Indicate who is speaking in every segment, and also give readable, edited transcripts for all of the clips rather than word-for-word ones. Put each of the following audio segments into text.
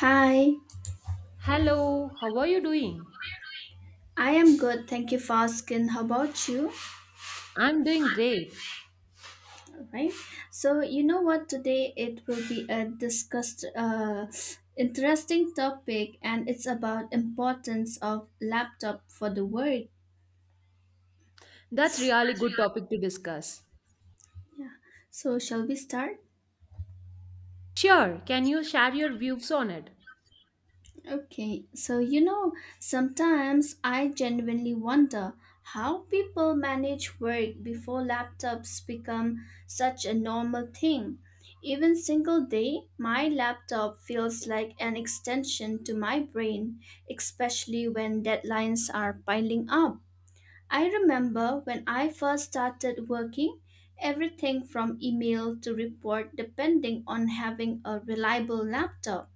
Speaker 1: Hi,
Speaker 2: Hello, how are you doing?
Speaker 1: I am good. Thank you for asking. How about you?
Speaker 2: I'm doing great.
Speaker 1: All right. So you know what? Today it will be a discussed, interesting topic, and it's about importance of laptop for the work.
Speaker 2: That's really good topic to discuss.
Speaker 1: Yeah. So shall we start?
Speaker 2: Sure, can you share your views on it?
Speaker 1: Okay, so you know, sometimes I genuinely wonder how people manage work before laptops become such a normal thing. Even single day, my laptop feels like an extension to my brain, especially when deadlines are piling up. I remember when I first started working, everything from email to report depending on having a reliable laptop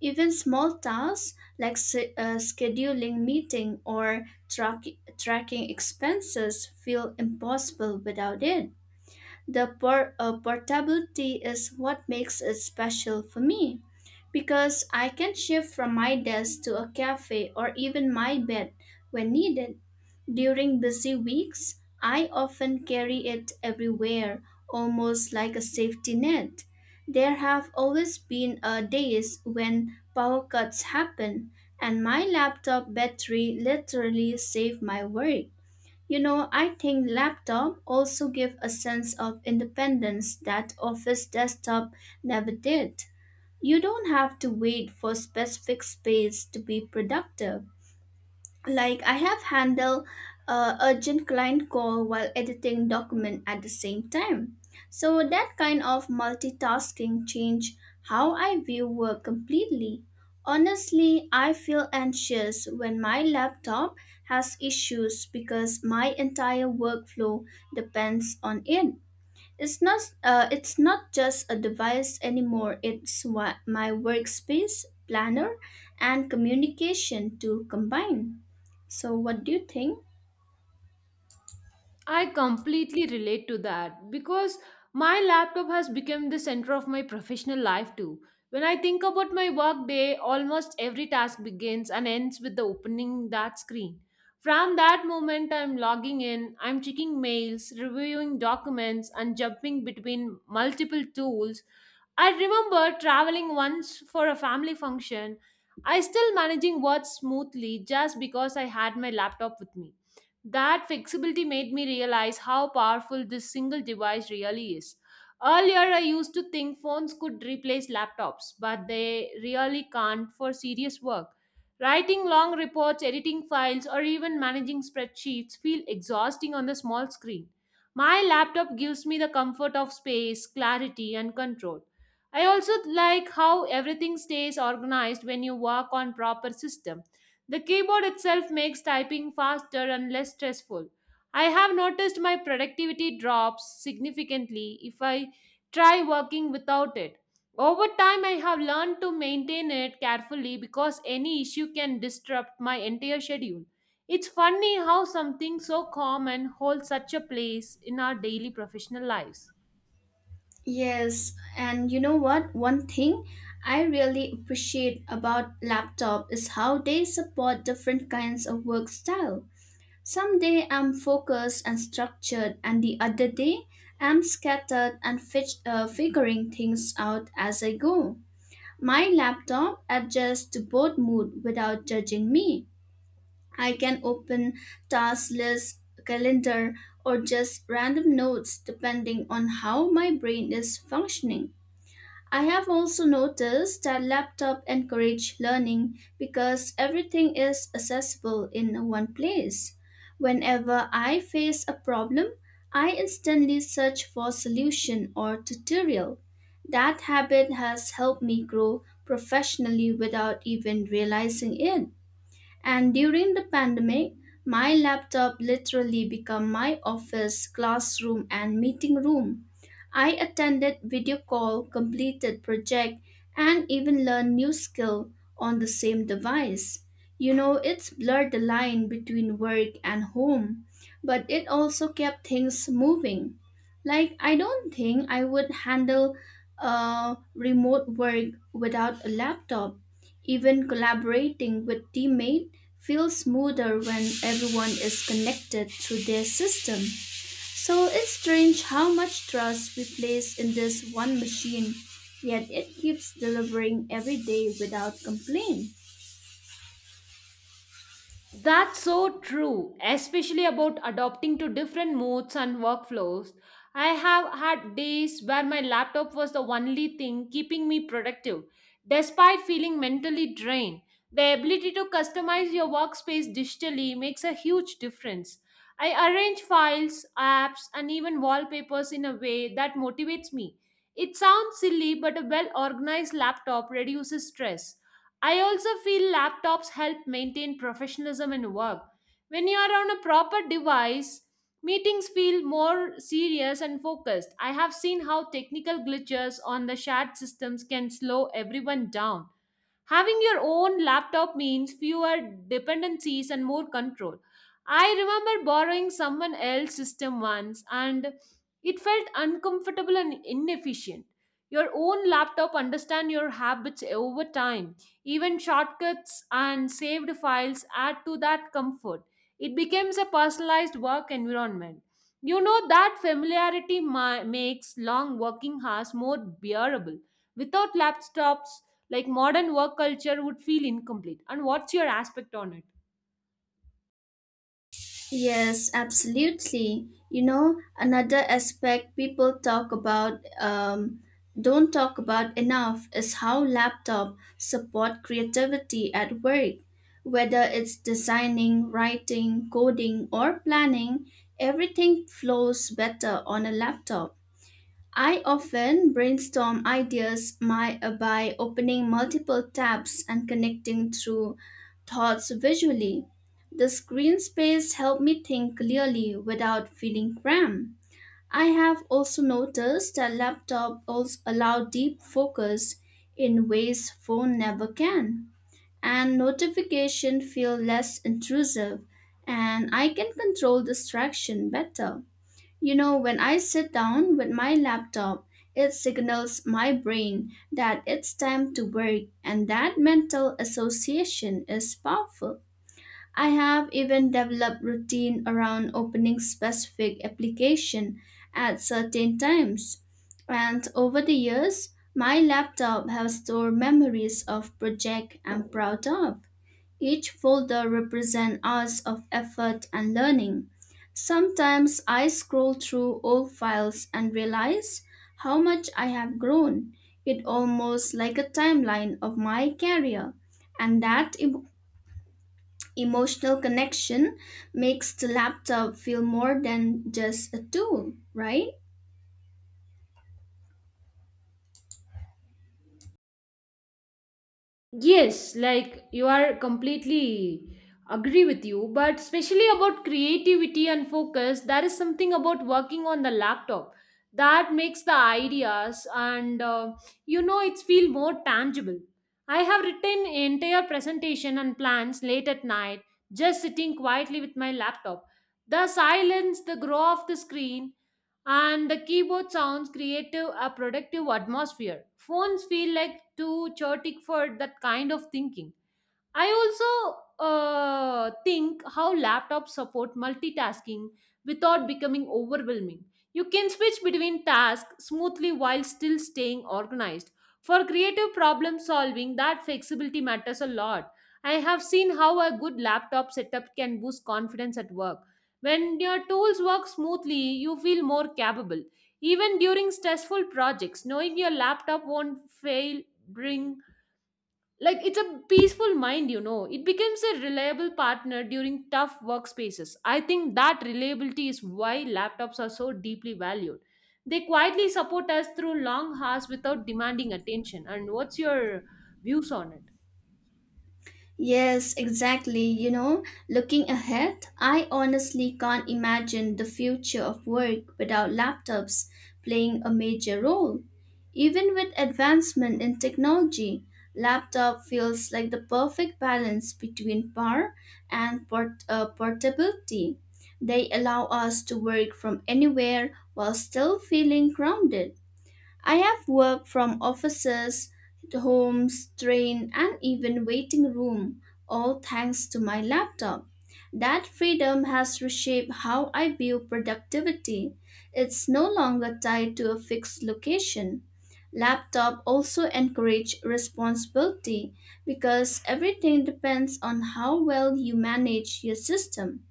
Speaker 1: even small tasks like scheduling meeting or tracking expenses feel impossible without it. The portability is what makes it special for me because I can shift from my desk to a cafe or even my bed when needed. During busy weeks, I often carry it everywhere, almost like a safety net. There have always been days when power cuts happen, and my laptop battery literally saved my work. You know, I think laptop also give a sense of independence that office desktop never did. You don't have to wait for specific space to be productive like I have handled urgent client call while editing document at the same time, so that kind of multitasking changed how I view work completely. Honestly, I feel anxious when my laptop has issues because my entire workflow depends on it. It's not just a device anymore. It's what my workspace, planner, and communication to combine. So what do you think?
Speaker 2: I completely relate to that because my laptop has become the center of my professional life too. When I think about my workday, almost every task begins and ends with the opening that screen. From that moment, I'm logging in, I'm checking mails, reviewing documents, and jumping between multiple tools. I remember traveling once for a family function. I still managing work smoothly just because I had my laptop with me. That flexibility made me realize how powerful this single device really is. Earlier, I used to think phones could replace laptops, but they really can't for serious work. Writing long reports, editing files, or even managing spreadsheets feel exhausting on the small screen. My laptop gives me the comfort of space, clarity, and control. I also like how everything stays organized when you work on proper system. The keyboard itself makes typing faster and less stressful. I have noticed my productivity drops significantly if I try working without it. Over time, I have learned to maintain it carefully because any issue can disrupt my entire schedule. It's funny how something so common holds such a place in our daily professional lives.
Speaker 1: Yes, and you know what? One thing I really appreciate about laptop is how they support different kinds of work style. Some day I'm focused and structured, and the other day I'm scattered and figuring things out as I go. My laptop adjusts to both mood without judging me. I can open task list, calendar, or just random notes depending on how my brain is functioning. I have also noticed that laptop encourage learning because everything is accessible in one place. Whenever I face a problem, I instantly search for solution or tutorial. That habit has helped me grow professionally without even realizing it. And during the pandemic, my laptop literally became my office, classroom, and meeting room. I attended video call, completed project, and even learned new skill on the same device. You know, it's blurred the line between work and home, but it also kept things moving. Like I don't think I would handle remote work without a laptop. Even collaborating with teammate feels smoother when everyone is connected to their system. So it's strange how much trust we place in this one machine, yet it keeps delivering every day without complaint.
Speaker 2: That's so true, especially about adopting to different modes and workflows. I have had days where my laptop was the only thing keeping me productive, despite feeling mentally drained. The ability to customize your workspace digitally makes a huge difference. I arrange files, apps, and even wallpapers in a way that motivates me. It sounds silly, but a well organized laptop reduces stress. I also feel laptops help maintain professionalism in work. When you are on a proper device, meetings feel more serious and focused. I have seen how technical glitches on the shared systems can slow everyone down. Having your own laptop means fewer dependencies and more control. I remember borrowing someone else's system once and it felt uncomfortable and inefficient. Your own laptop understands your habits over time. Even shortcuts and saved files add to that comfort. It becomes a personalized work environment. You know that familiarity makes long working hours more bearable. Without laptops, like modern work culture would feel incomplete. And what's your aspect on it?
Speaker 1: Yes, absolutely. You know, another aspect people talk about, don't talk about enough is how laptop support creativity at work. Whether it's designing, writing, coding, or planning, everything flows better on a laptop. I often brainstorm ideas by opening multiple tabs and connecting through thoughts visually. The screen space helped me think clearly without feeling cramped. I have also noticed that laptop also allow deep focus in ways phone never can. And notification feel less intrusive and I can control distraction better. You know, when I sit down with my laptop, it signals my brain that it's time to work, and that mental association is powerful. I have even developed routine around opening specific application at certain times. And over the years, my laptop has stored memories of project I'm proud of, each folder represents hours of effort and learning. Sometimes I scroll through old files and realize how much I have grown. It almost like a timeline of my career. And that emotional connection makes the laptop feel more than just a tool, right?
Speaker 2: Yes, like you are completely agree with you, but especially about creativity and focus, there is something about working on the laptop that makes the ideas and you know it's feel more tangible. I have written entire presentation and plans late at night, just sitting quietly with my laptop. The silence, the glow of the screen, and the keyboard sounds creative a productive atmosphere. Phones feel like too chaotic for that kind of thinking. I also think how laptops support multitasking without becoming overwhelming. You can switch between tasks smoothly while still staying organized. For creative problem solving, that flexibility matters a lot. I have seen how a good laptop setup can boost confidence at work. When your tools work smoothly, you feel more capable. Even during stressful projects, knowing your laptop won't fail bring, like, it's a peaceful mind. You know, it becomes a reliable partner during tough workspaces. I think that reliability is why laptops are so deeply valued. They quietly support us through long hours without demanding attention. And what's your views on it?
Speaker 1: Yes, exactly. You know, looking ahead, I honestly can't imagine the future of work without laptops playing a major role. Even with advancement in technology, laptop feels like the perfect balance between power and portability. They allow us to work from anywhere while still feeling grounded. I have worked from offices, homes, train, and even waiting room, all thanks to my laptop. That freedom has reshaped how I view productivity. It's no longer tied to a fixed location. Laptop also encourage responsibility because everything depends on how well you manage your system.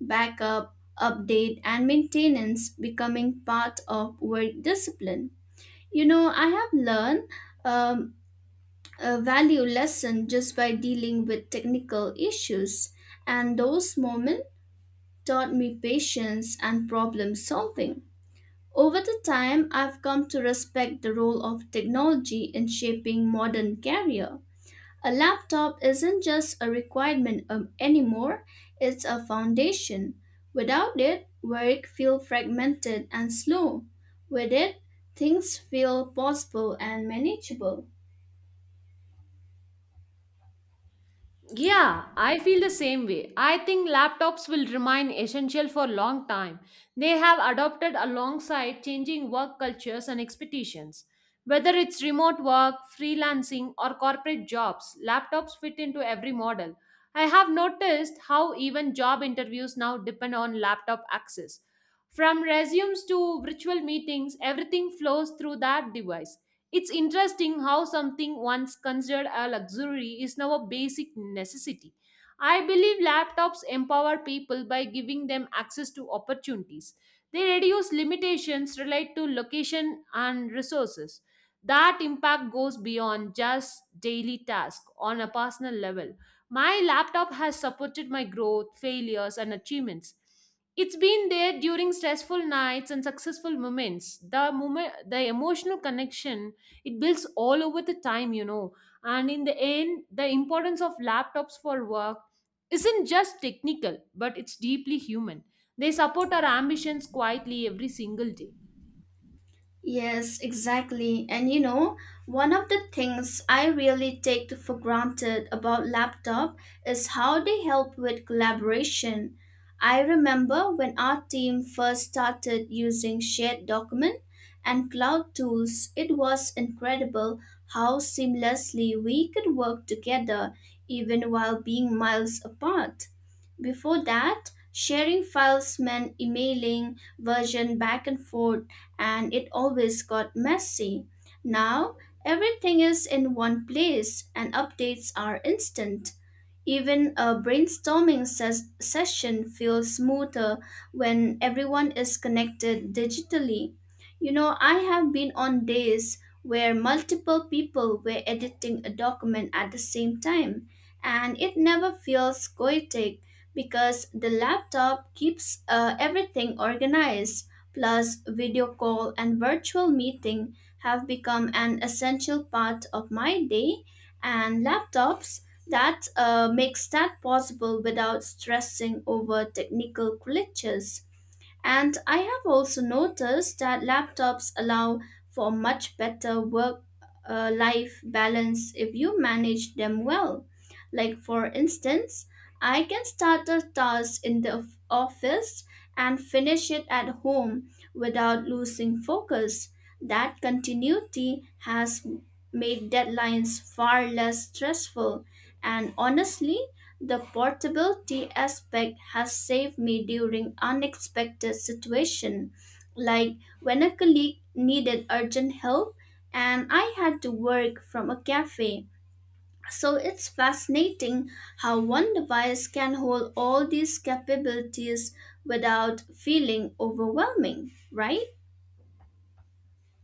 Speaker 1: Backup, update, and maintenance becoming part of work discipline. You know, I have learned um, a value lesson just by dealing with technical issues, and those moments taught me patience and problem solving. Over the time, I've come to respect the role of technology in shaping modern career. A laptop isn't just a requirement anymore, it's a foundation. Without it, work feels fragmented and slow. With it, things feel possible and manageable.
Speaker 2: Yeah, I feel the same way. I think laptops will remain essential for a long time. They have adopted alongside changing work cultures and expectations. Whether it's remote work, freelancing, or corporate jobs, laptops fit into every model. I have noticed how even job interviews now depend on laptop access. From resumes to virtual meetings, everything flows through that device. It's interesting how something once considered a luxury is now a basic necessity. I believe laptops empower people by giving them access to opportunities. They reduce limitations related to location and resources. That impact goes beyond just daily tasks on a personal level. My laptop has supported my growth, failures, and achievements. It's been there during stressful nights and successful moments. The moment, the emotional connection it builds all over the time. You know, and in the end the importance of laptops for work isn't just technical, but it's deeply human. They support our ambitions quietly every single day.
Speaker 1: Yes, exactly. And you know, one of the things I really take for granted about laptop is how they help with collaboration. I remember when our team first started using shared document and cloud tools, it was incredible how seamlessly we could work together even while being miles apart. Before that, sharing files meant emailing version back and forth and it always got messy. Now, everything is in one place and updates are instant. Even a brainstorming session feels smoother when everyone is connected digitally. You know, I have been on days where multiple people were editing a document at the same time, and it never feels chaotic because the laptop keeps everything organized. Plus, video call and virtual meeting have become an essential part of my day, and laptops that makes that possible without stressing over technical glitches. And I have also noticed that laptops allow for much better work life balance if you manage them well. Like, for instance, I can start a task in the office and finish it at home without losing focus. That continuity has made deadlines far less stressful and honestly, the portability aspect has saved me during unexpected situations, like when a colleague needed urgent help and I had to work from a cafe. So it's fascinating how one device can hold all these capabilities without feeling overwhelming, right?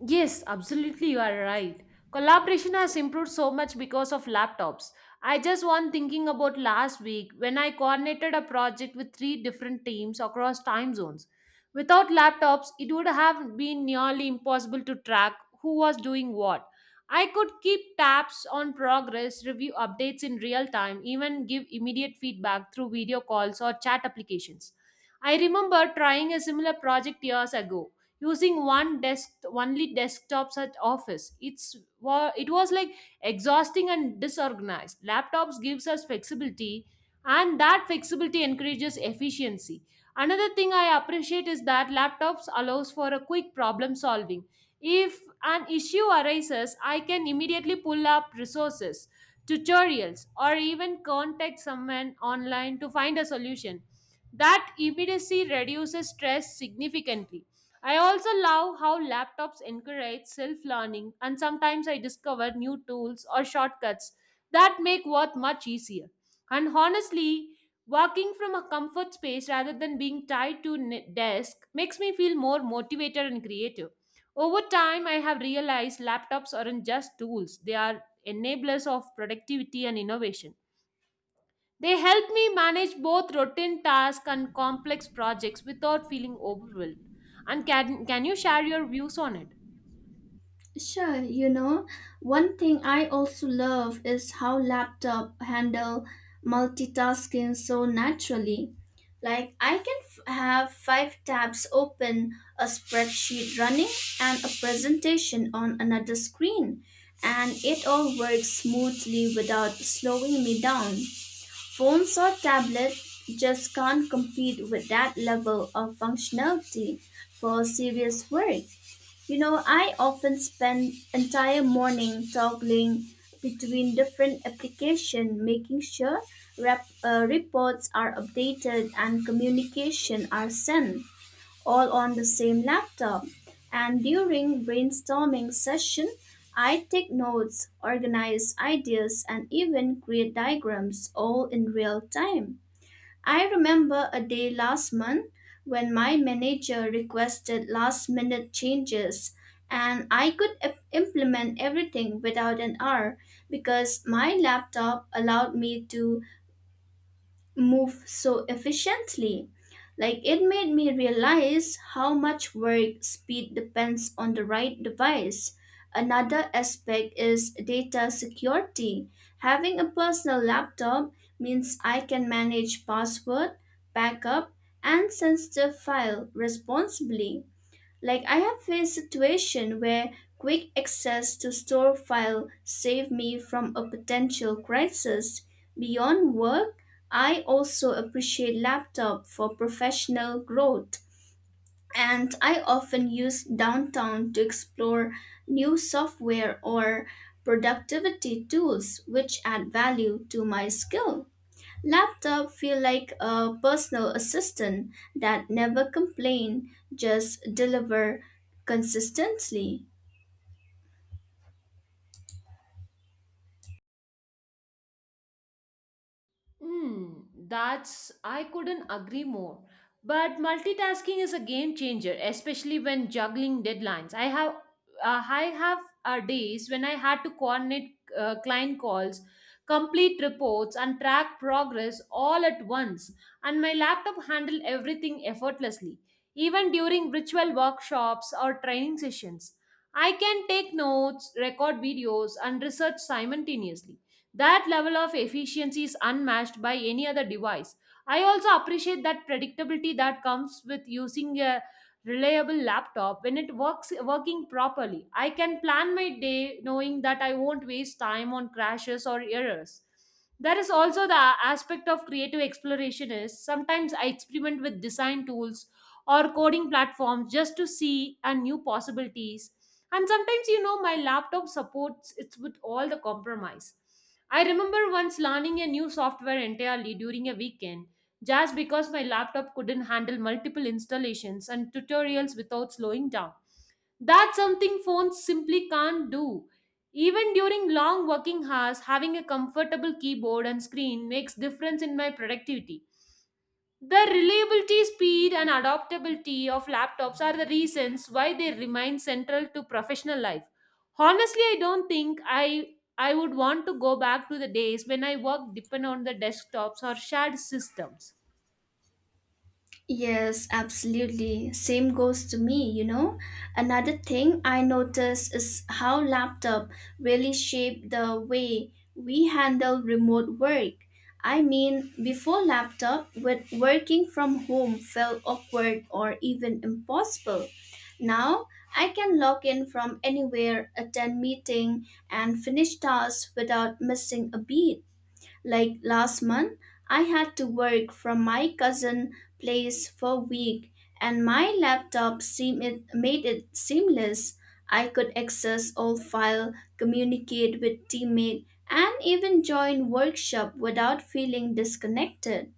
Speaker 2: Yes, absolutely, you are right. Collaboration has improved so much because of laptops. I just was thinking about last week when I coordinated a project with three different teams across time zones. Without laptops, it would have been nearly impossible to track who was doing what. I could keep tabs on progress, review updates in real time, even give immediate feedback through video calls or chat applications. I remember trying a similar project years ago using one desk only desktops at office. It was like exhausting and disorganized. Laptops gives us flexibility, and that flexibility encourages efficiency. Another thing I appreciate is that laptops allows for a quick problem solving. If an issue arises, I can immediately pull up resources, tutorials, or even contact someone online to find a solution. That immediacy reduces stress significantly. I also love how laptops encourage self learning, and sometimes I discover new tools or shortcuts that make work much easier. And honestly, working from a comfort space rather than being tied to a desk makes me feel more motivated and creative. Over time, I have realized laptops aren't just tools, they are enablers of productivity and innovation. They help me manage both routine tasks and complex projects without feeling overwhelmed. And can you share your views on it?
Speaker 1: Sure, you know, one thing I also love is how laptop handle multitasking so naturally. Like I can have 5 tabs open, a spreadsheet running, and a presentation on another screen, and it all works smoothly without slowing me down. Phones or tablets just can't compete with that level of functionality for serious work. You know, I often spend entire morning toggling between different applications, making sure reports are updated and communication are sent all on the same laptop. And during brainstorming session, I take notes, organize ideas, and even create diagrams all in real time. I remember a day last month when my manager requested last minute changes and I could implement everything without an hour because my laptop allowed me to move so efficiently. Like it made me realize how much work speed depends on the right device. Another aspect is data security. Having a personal laptop means I can manage password, backup, and sensitive file responsibly. Like I have faced situation where quick access to store file saved me from a potential crisis. Beyond work, I also appreciate laptop for professional growth and I often use downtown to explore new software or productivity tools which add value to my skill. Laptop feel like a personal assistant that never complain, just deliver consistently.
Speaker 2: Hmm, that's, I couldn't agree more. But multitasking is a game changer, especially when juggling deadlines. I have days when I had to coordinate client calls, complete reports, and track progress all at once. And my laptop handled everything effortlessly, even during virtual workshops or training sessions. I can take notes, record videos, and research simultaneously. That level of efficiency is unmatched by any other device. I also appreciate that predictability that comes with using a reliable laptop when it works working properly. I can plan my day knowing that I won't waste time on crashes or errors. There is also the aspect of creative exploration, is sometimes I experiment with design tools or coding platforms just to see and new possibilities. And sometimes, you know, my laptop supports it with all the compromise. I remember once learning a new software entirely during a weekend just because my laptop couldn't handle multiple installations and tutorials without slowing down. That's something phones simply can't do. Even during long working hours, having a comfortable keyboard and screen makes difference in my productivity. The reliability, speed, and adaptability of laptops are the reasons why they remain central to professional life. Honestly, I don't think I would want to go back to the days when I worked depend on the desktops or shared systems.
Speaker 1: Yes, absolutely. Same goes to me, you know. Another thing I notice is how laptop really shape the way we handle remote work. I mean, before laptop, with working from home felt awkward or even impossible. Now, I can log in from anywhere, attend meeting, and finish tasks without missing a beat. Like last month, I had to work from my cousin place for a week and my laptop made it seamless. I could access all file, communicate with teammate and even join workshop without feeling disconnected.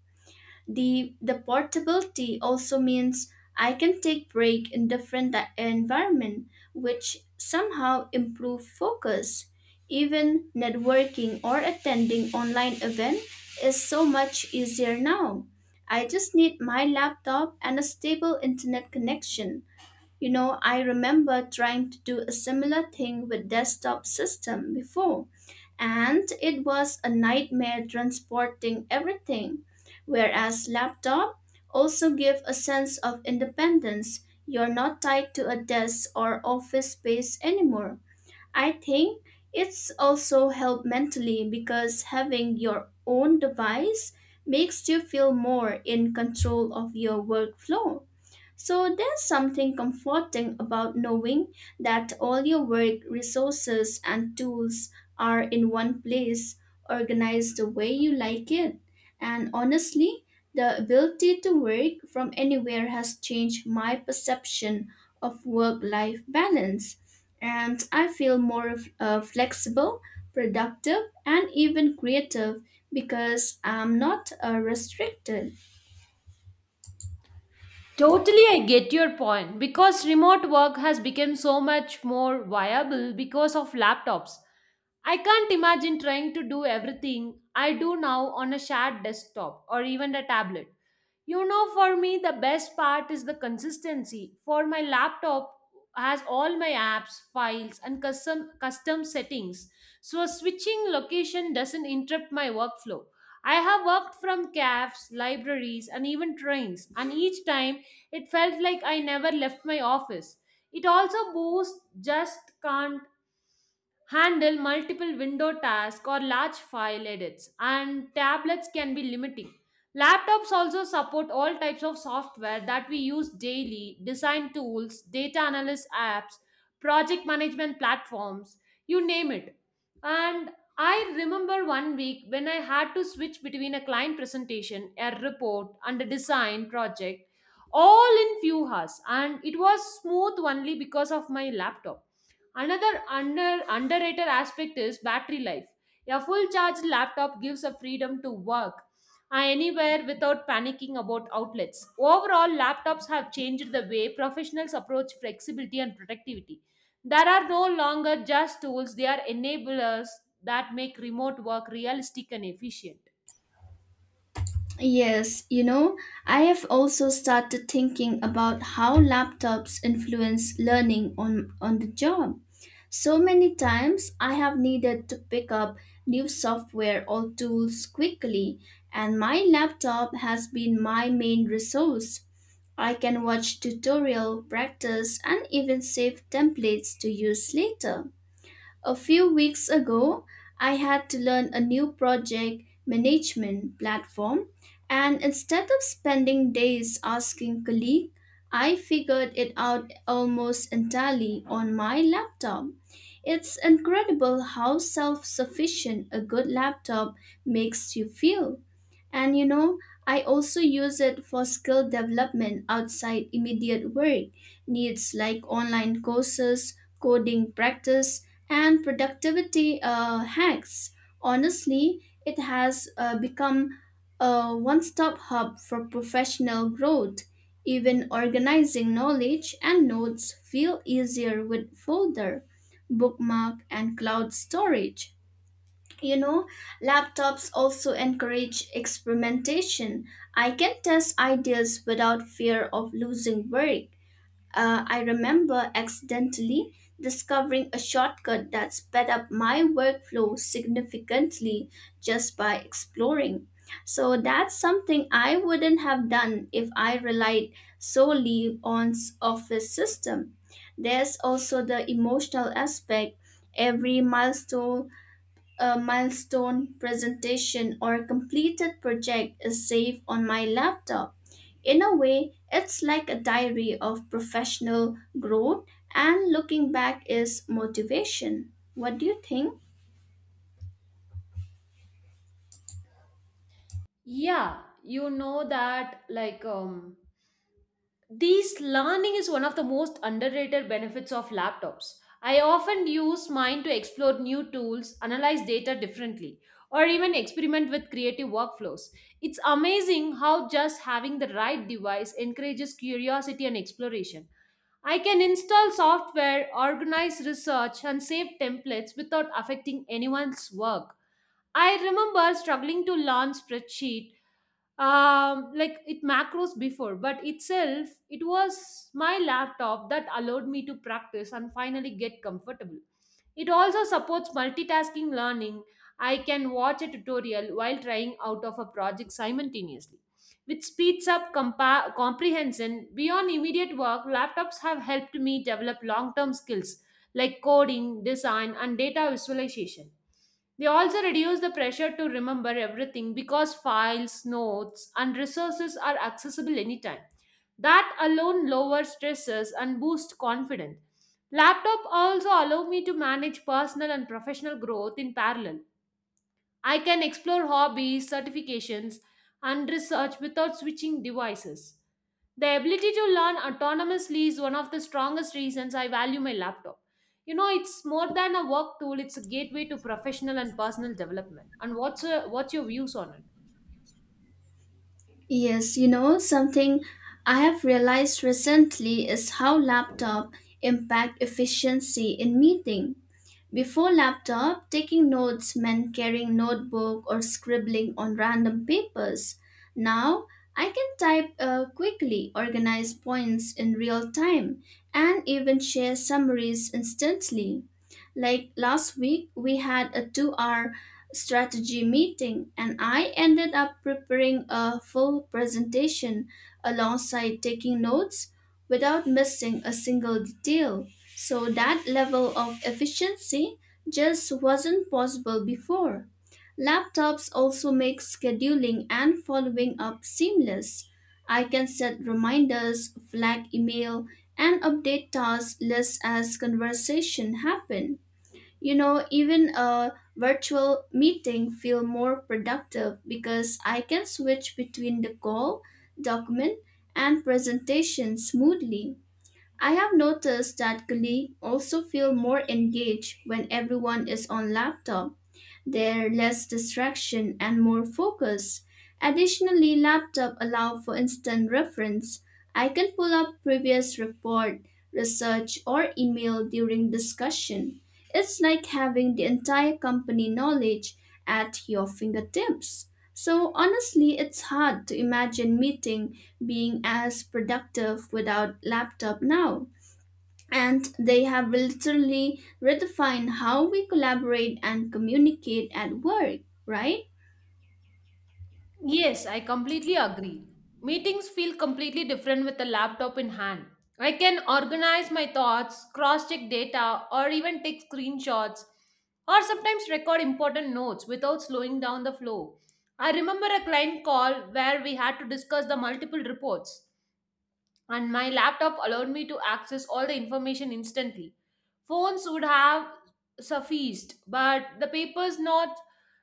Speaker 1: The portability also means I can take break in different environment, which somehow improve focus. Even networking or attending online event is so much easier now. I just need my laptop and a stable internet connection. You know, I remember trying to do a similar thing with desktop system before and it was a nightmare transporting everything. Whereas laptop also give a sense of independence. You're not tied to a desk or office space anymore. I think it's also help mentally because having your own device makes you feel more in control of your workflow. So there's something comforting about knowing that all your work, resources, and tools are in one place, organized the way you like it. And honestly, the ability to work from anywhere has changed my perception of work life balance. And I feel more flexible, productive, and even creative because I'm not restricted.
Speaker 2: Totally, I get your point because remote work has become so much more viable because of laptops. I can't imagine trying to do everything I do now on a shared desktop or even a tablet. You know, for me, the best part is the consistency. For my laptop has all my apps, files, and custom settings, so switching location doesn't interrupt my workflow. I have worked from cafes, libraries, and even trains, and each time it felt like I never left my office. It also boosts just can't handle multiple window tasks or large file edits, and tablets can be limiting. Laptops also support all types of software that we use daily design tools, data analysis apps, project management platforms, you name it. And I remember one week when I had to switch between a client presentation, a report, and a design project all in few hours, and it was smooth only because of my laptop. Another underrated aspect is battery life. A full charged laptop gives a freedom to work anywhere without panicking about outlets. Overall, laptops have changed the way professionals approach flexibility and productivity. There are no longer just tools, they are enablers that make remote work realistic and efficient.
Speaker 1: Yes, you know, I have also started thinking about how laptops influence learning on the job. So many times I have needed to pick up new software or tools quickly, and my laptop has been my main resource. I can watch tutorial, practice, and even save templates to use later. A few weeks ago, I had to learn a new project management platform, and instead of spending days asking colleagues, I figured it out almost entirely on my laptop. It's incredible how self sufficient a good laptop makes you feel. And you know, I also use it for skill development outside immediate work needs like online courses, coding practice, and productivity hacks. Honestly, it has become a one stop hub for professional growth. Even organizing knowledge and notes feel easier with folder, bookmark, and cloud storage. You know, laptops also encourage experimentation. I can test ideas without fear of losing work. I remember accidentally discovering a shortcut that sped up my workflow significantly just by exploring. So that's something I wouldn't have done if I relied solely on office system. There's also the emotional aspect. Every milestone presentation or a completed project is saved on my laptop. In a way, it's like a diary of professional growth, and looking back is motivation. What do you think?
Speaker 2: Yeah, you know that this learning is one of the most underrated benefits of laptops. I often use mine to explore new tools, analyze data differently, or even experiment with creative workflows. It's amazing how just having the right device encourages curiosity and exploration. I can install software, organize research, and save templates without affecting anyone's work. I remember struggling to learn spreadsheet like it macros before, but itself, it was my laptop that allowed me to practice and finally get comfortable. It also supports multitasking learning. I can watch a tutorial while trying out of a project simultaneously, which speeds up comprehension. Beyond immediate work, laptops have helped me develop long term skills like coding, design, and data visualization. They also reduce the pressure to remember everything because files, notes, and resources are accessible anytime. That alone lowers stresses and boosts confidence. Laptop also allow me to manage personal and professional growth in parallel. I can explore hobbies, certifications, and research without switching devices. The ability to learn autonomously is one of the strongest reasons I value my laptop. You know, it's more than a work tool, it's a gateway to professional and personal development. And what's your views on it?
Speaker 1: Yes, you know, something I have realized recently is how laptop impact efficiency in meeting. Before laptop, taking notes meant carrying notebook or scribbling on random papers. Now, I can type quickly, organize points in real time, and even share summaries instantly. Like last week, we had a 2 hour strategy meeting, and I ended up preparing a full presentation alongside taking notes without missing a single detail. So that level of efficiency just wasn't possible before. Laptops also make scheduling and following up seamless. I can set reminders, flag email, and update task lists as conversation happen. You know, even a virtual meeting feel more productive because I can switch between the call, document, and presentation smoothly. I have noticed that colleagues also feel more engaged when everyone is on laptop, they're less distraction and more focus. Additionally, laptop allow for instant reference. I can pull up previous report, research, or email during discussion. It's like having the entire company knowledge at your fingertips. So honestly, it's hard to imagine meeting being as productive without laptop now, and they have literally redefined how we collaborate and communicate at work, right?
Speaker 2: Yes, I completely agree. Meetings feel completely different with a laptop in hand. I can organize my thoughts, cross check data, or even take screenshots, or sometimes record important notes without slowing down the flow. I remember a client call where we had to discuss the multiple reports, and my laptop allowed me to access all the information instantly. Phones would have sufficed, but the papers notes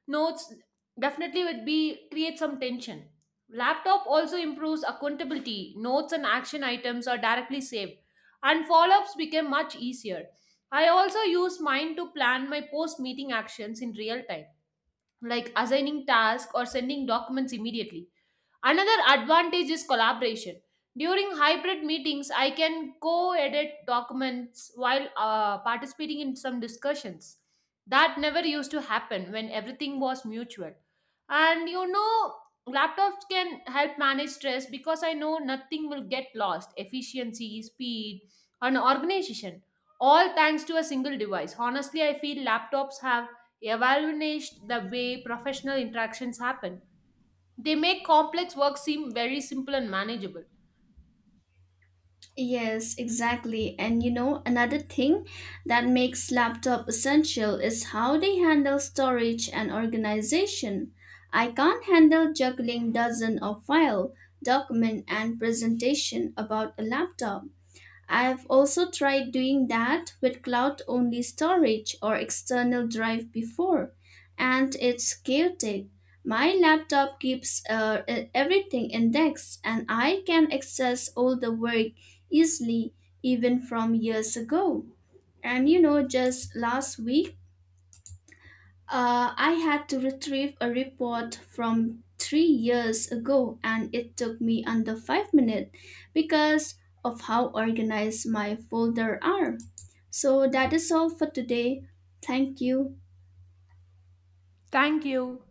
Speaker 2: notes definitely would be create some tension. Laptop also improves accountability. Notes and action items are directly saved, and follow-ups became much easier. I also use mine to plan my post-meeting actions in real time, like assigning tasks or sending documents immediately. Another advantage is collaboration. During hybrid meetings, I can co edit documents while participating in some discussions. That never used to happen when everything was mutual. And you know, laptops can help manage stress because I know nothing will get lost efficiency, speed, and organization. All thanks to a single device. Honestly, I feel laptops have evaluated the way professional interactions happen. They make complex work seem very simple and manageable.
Speaker 1: Yes, exactly. And you know, another thing that makes laptop essential is how they handle storage and organization. I can't handle juggling dozen of file, document and presentation about a laptop. I've also tried doing that with cloud only storage or external drive before, and it's chaotic. My laptop keeps everything indexed, and I can access all the work easily, even from years ago. And you know, just last week, I had to retrieve a report from 3 years ago, and it took me under 5 minutes because of how organized my folder are. So that is all for today. Thank you.
Speaker 2: Thank you.